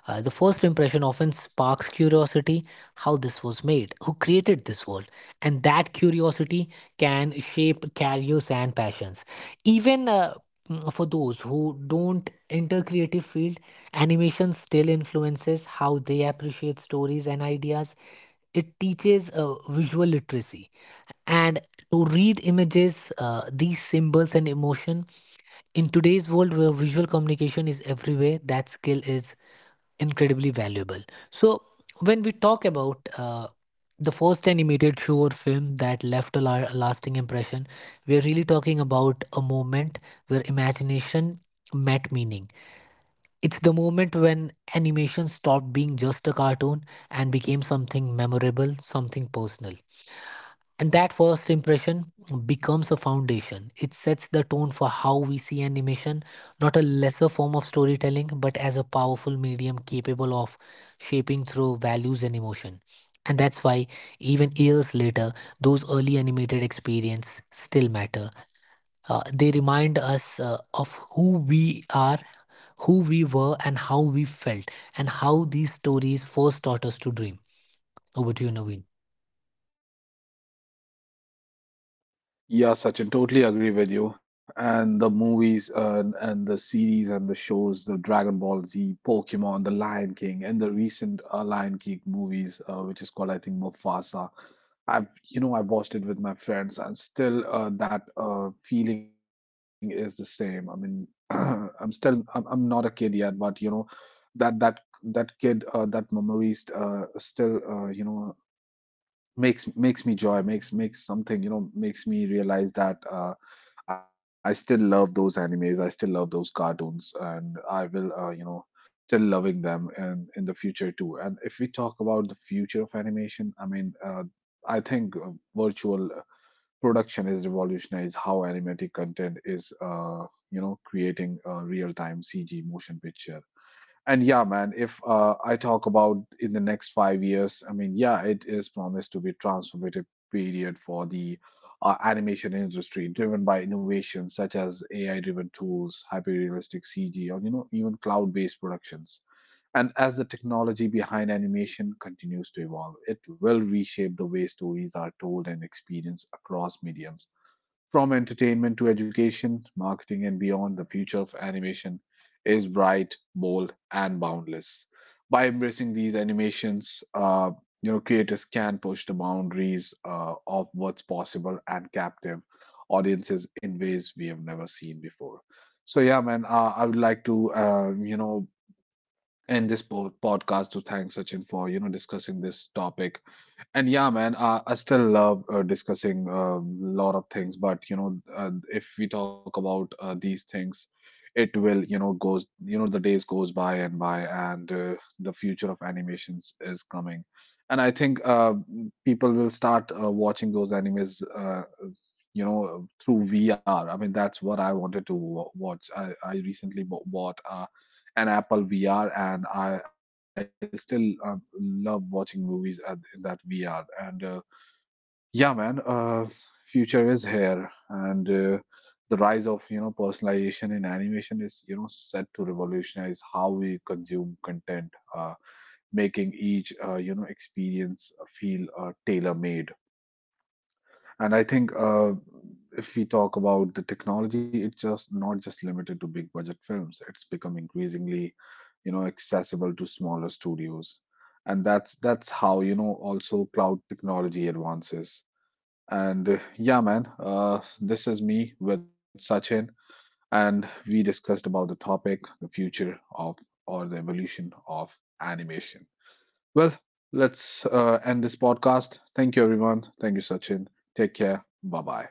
Speaker 2: Uh, the first impression often sparks curiosity: how this was made, who created this world, and that curiosity can shape careers and passions. Even for those who don't enter creative field, animation still influences how they appreciate stories and ideas. It teaches visual literacy and to read images, these symbols and emotion. In today's world where visual communication is everywhere, that skill is incredibly valuable. So, when we talk about the first animated show or film that left a lasting impression, we're really talking about a moment where imagination met meaning. It's the moment when animation stopped being just a cartoon and became something memorable, something personal. And that first impression becomes a foundation. It sets the tone for how we see animation, not a lesser form of storytelling, but as a powerful medium capable of shaping through values and emotion. And that's why, even years later, those early animated experiences still matter. They remind us of who we are, who we were, and how we felt, and how these stories first taught us to dream. Over to you, Naveen.
Speaker 1: Yeah, Sachin, totally agree with you. And the movies and, the series and the shows, the Dragon Ball Z, Pokemon, the Lion King, and the recent Lion King movies, which is called, I think, Mufasa. I've, you know, I watched it with my friends, and still that feeling is the same. I mean, I'm still, I'm not a kid yet, but you know, that kid, that memory, still, makes something, you know, makes me realize that I still love those animes, I still love those cartoons, and I will, still loving them and in the future too. And if we talk about the future of animation, I mean, I think virtual production is revolutionized how animated content is creating real-time CG motion picture. And yeah, man, if I talk about in the next 5 years, I mean, yeah, it is promised to be a transformative period for the animation industry, driven by innovations such as AI-driven tools, hyper-realistic CG, or you know, even cloud-based productions. And as the technology behind animation continues to evolve, it will reshape the way stories are told and experienced across mediums, from entertainment to education, marketing, and beyond, the future of animation is bright, bold, and boundless. By embracing these animations, creators can push the boundaries of what's possible and captive audiences in ways we have never seen before. So yeah, man, I would like to end this podcast to thank Sachin for, you know, discussing this topic. And yeah, man, I still love discussing a lot of things, but you know, if we talk about these things, it will, you know, goes, you know, the days goes by, and the future of animations is coming. And I think people will start watching those animes, you know, through VR. I mean, that's what I wanted to watch. I recently bought a an Apple VR, and I still love watching movies at, in that VR. And yeah, man, future is here, and the rise of, you know, personalization in animation is, you know, set to revolutionize how we consume content, making each experience feel tailor made. And I think if we talk about the technology, it's just not just limited to big budget films. It's become increasingly, you know, accessible to smaller studios. And that's how, you know, also cloud technology advances. And yeah, man, this is me with Sachin, and we discussed about the topic, the future of or the evolution of animation. Well, let's end this podcast. Thank you, everyone. Thank you, Sachin. Take care. Bye bye.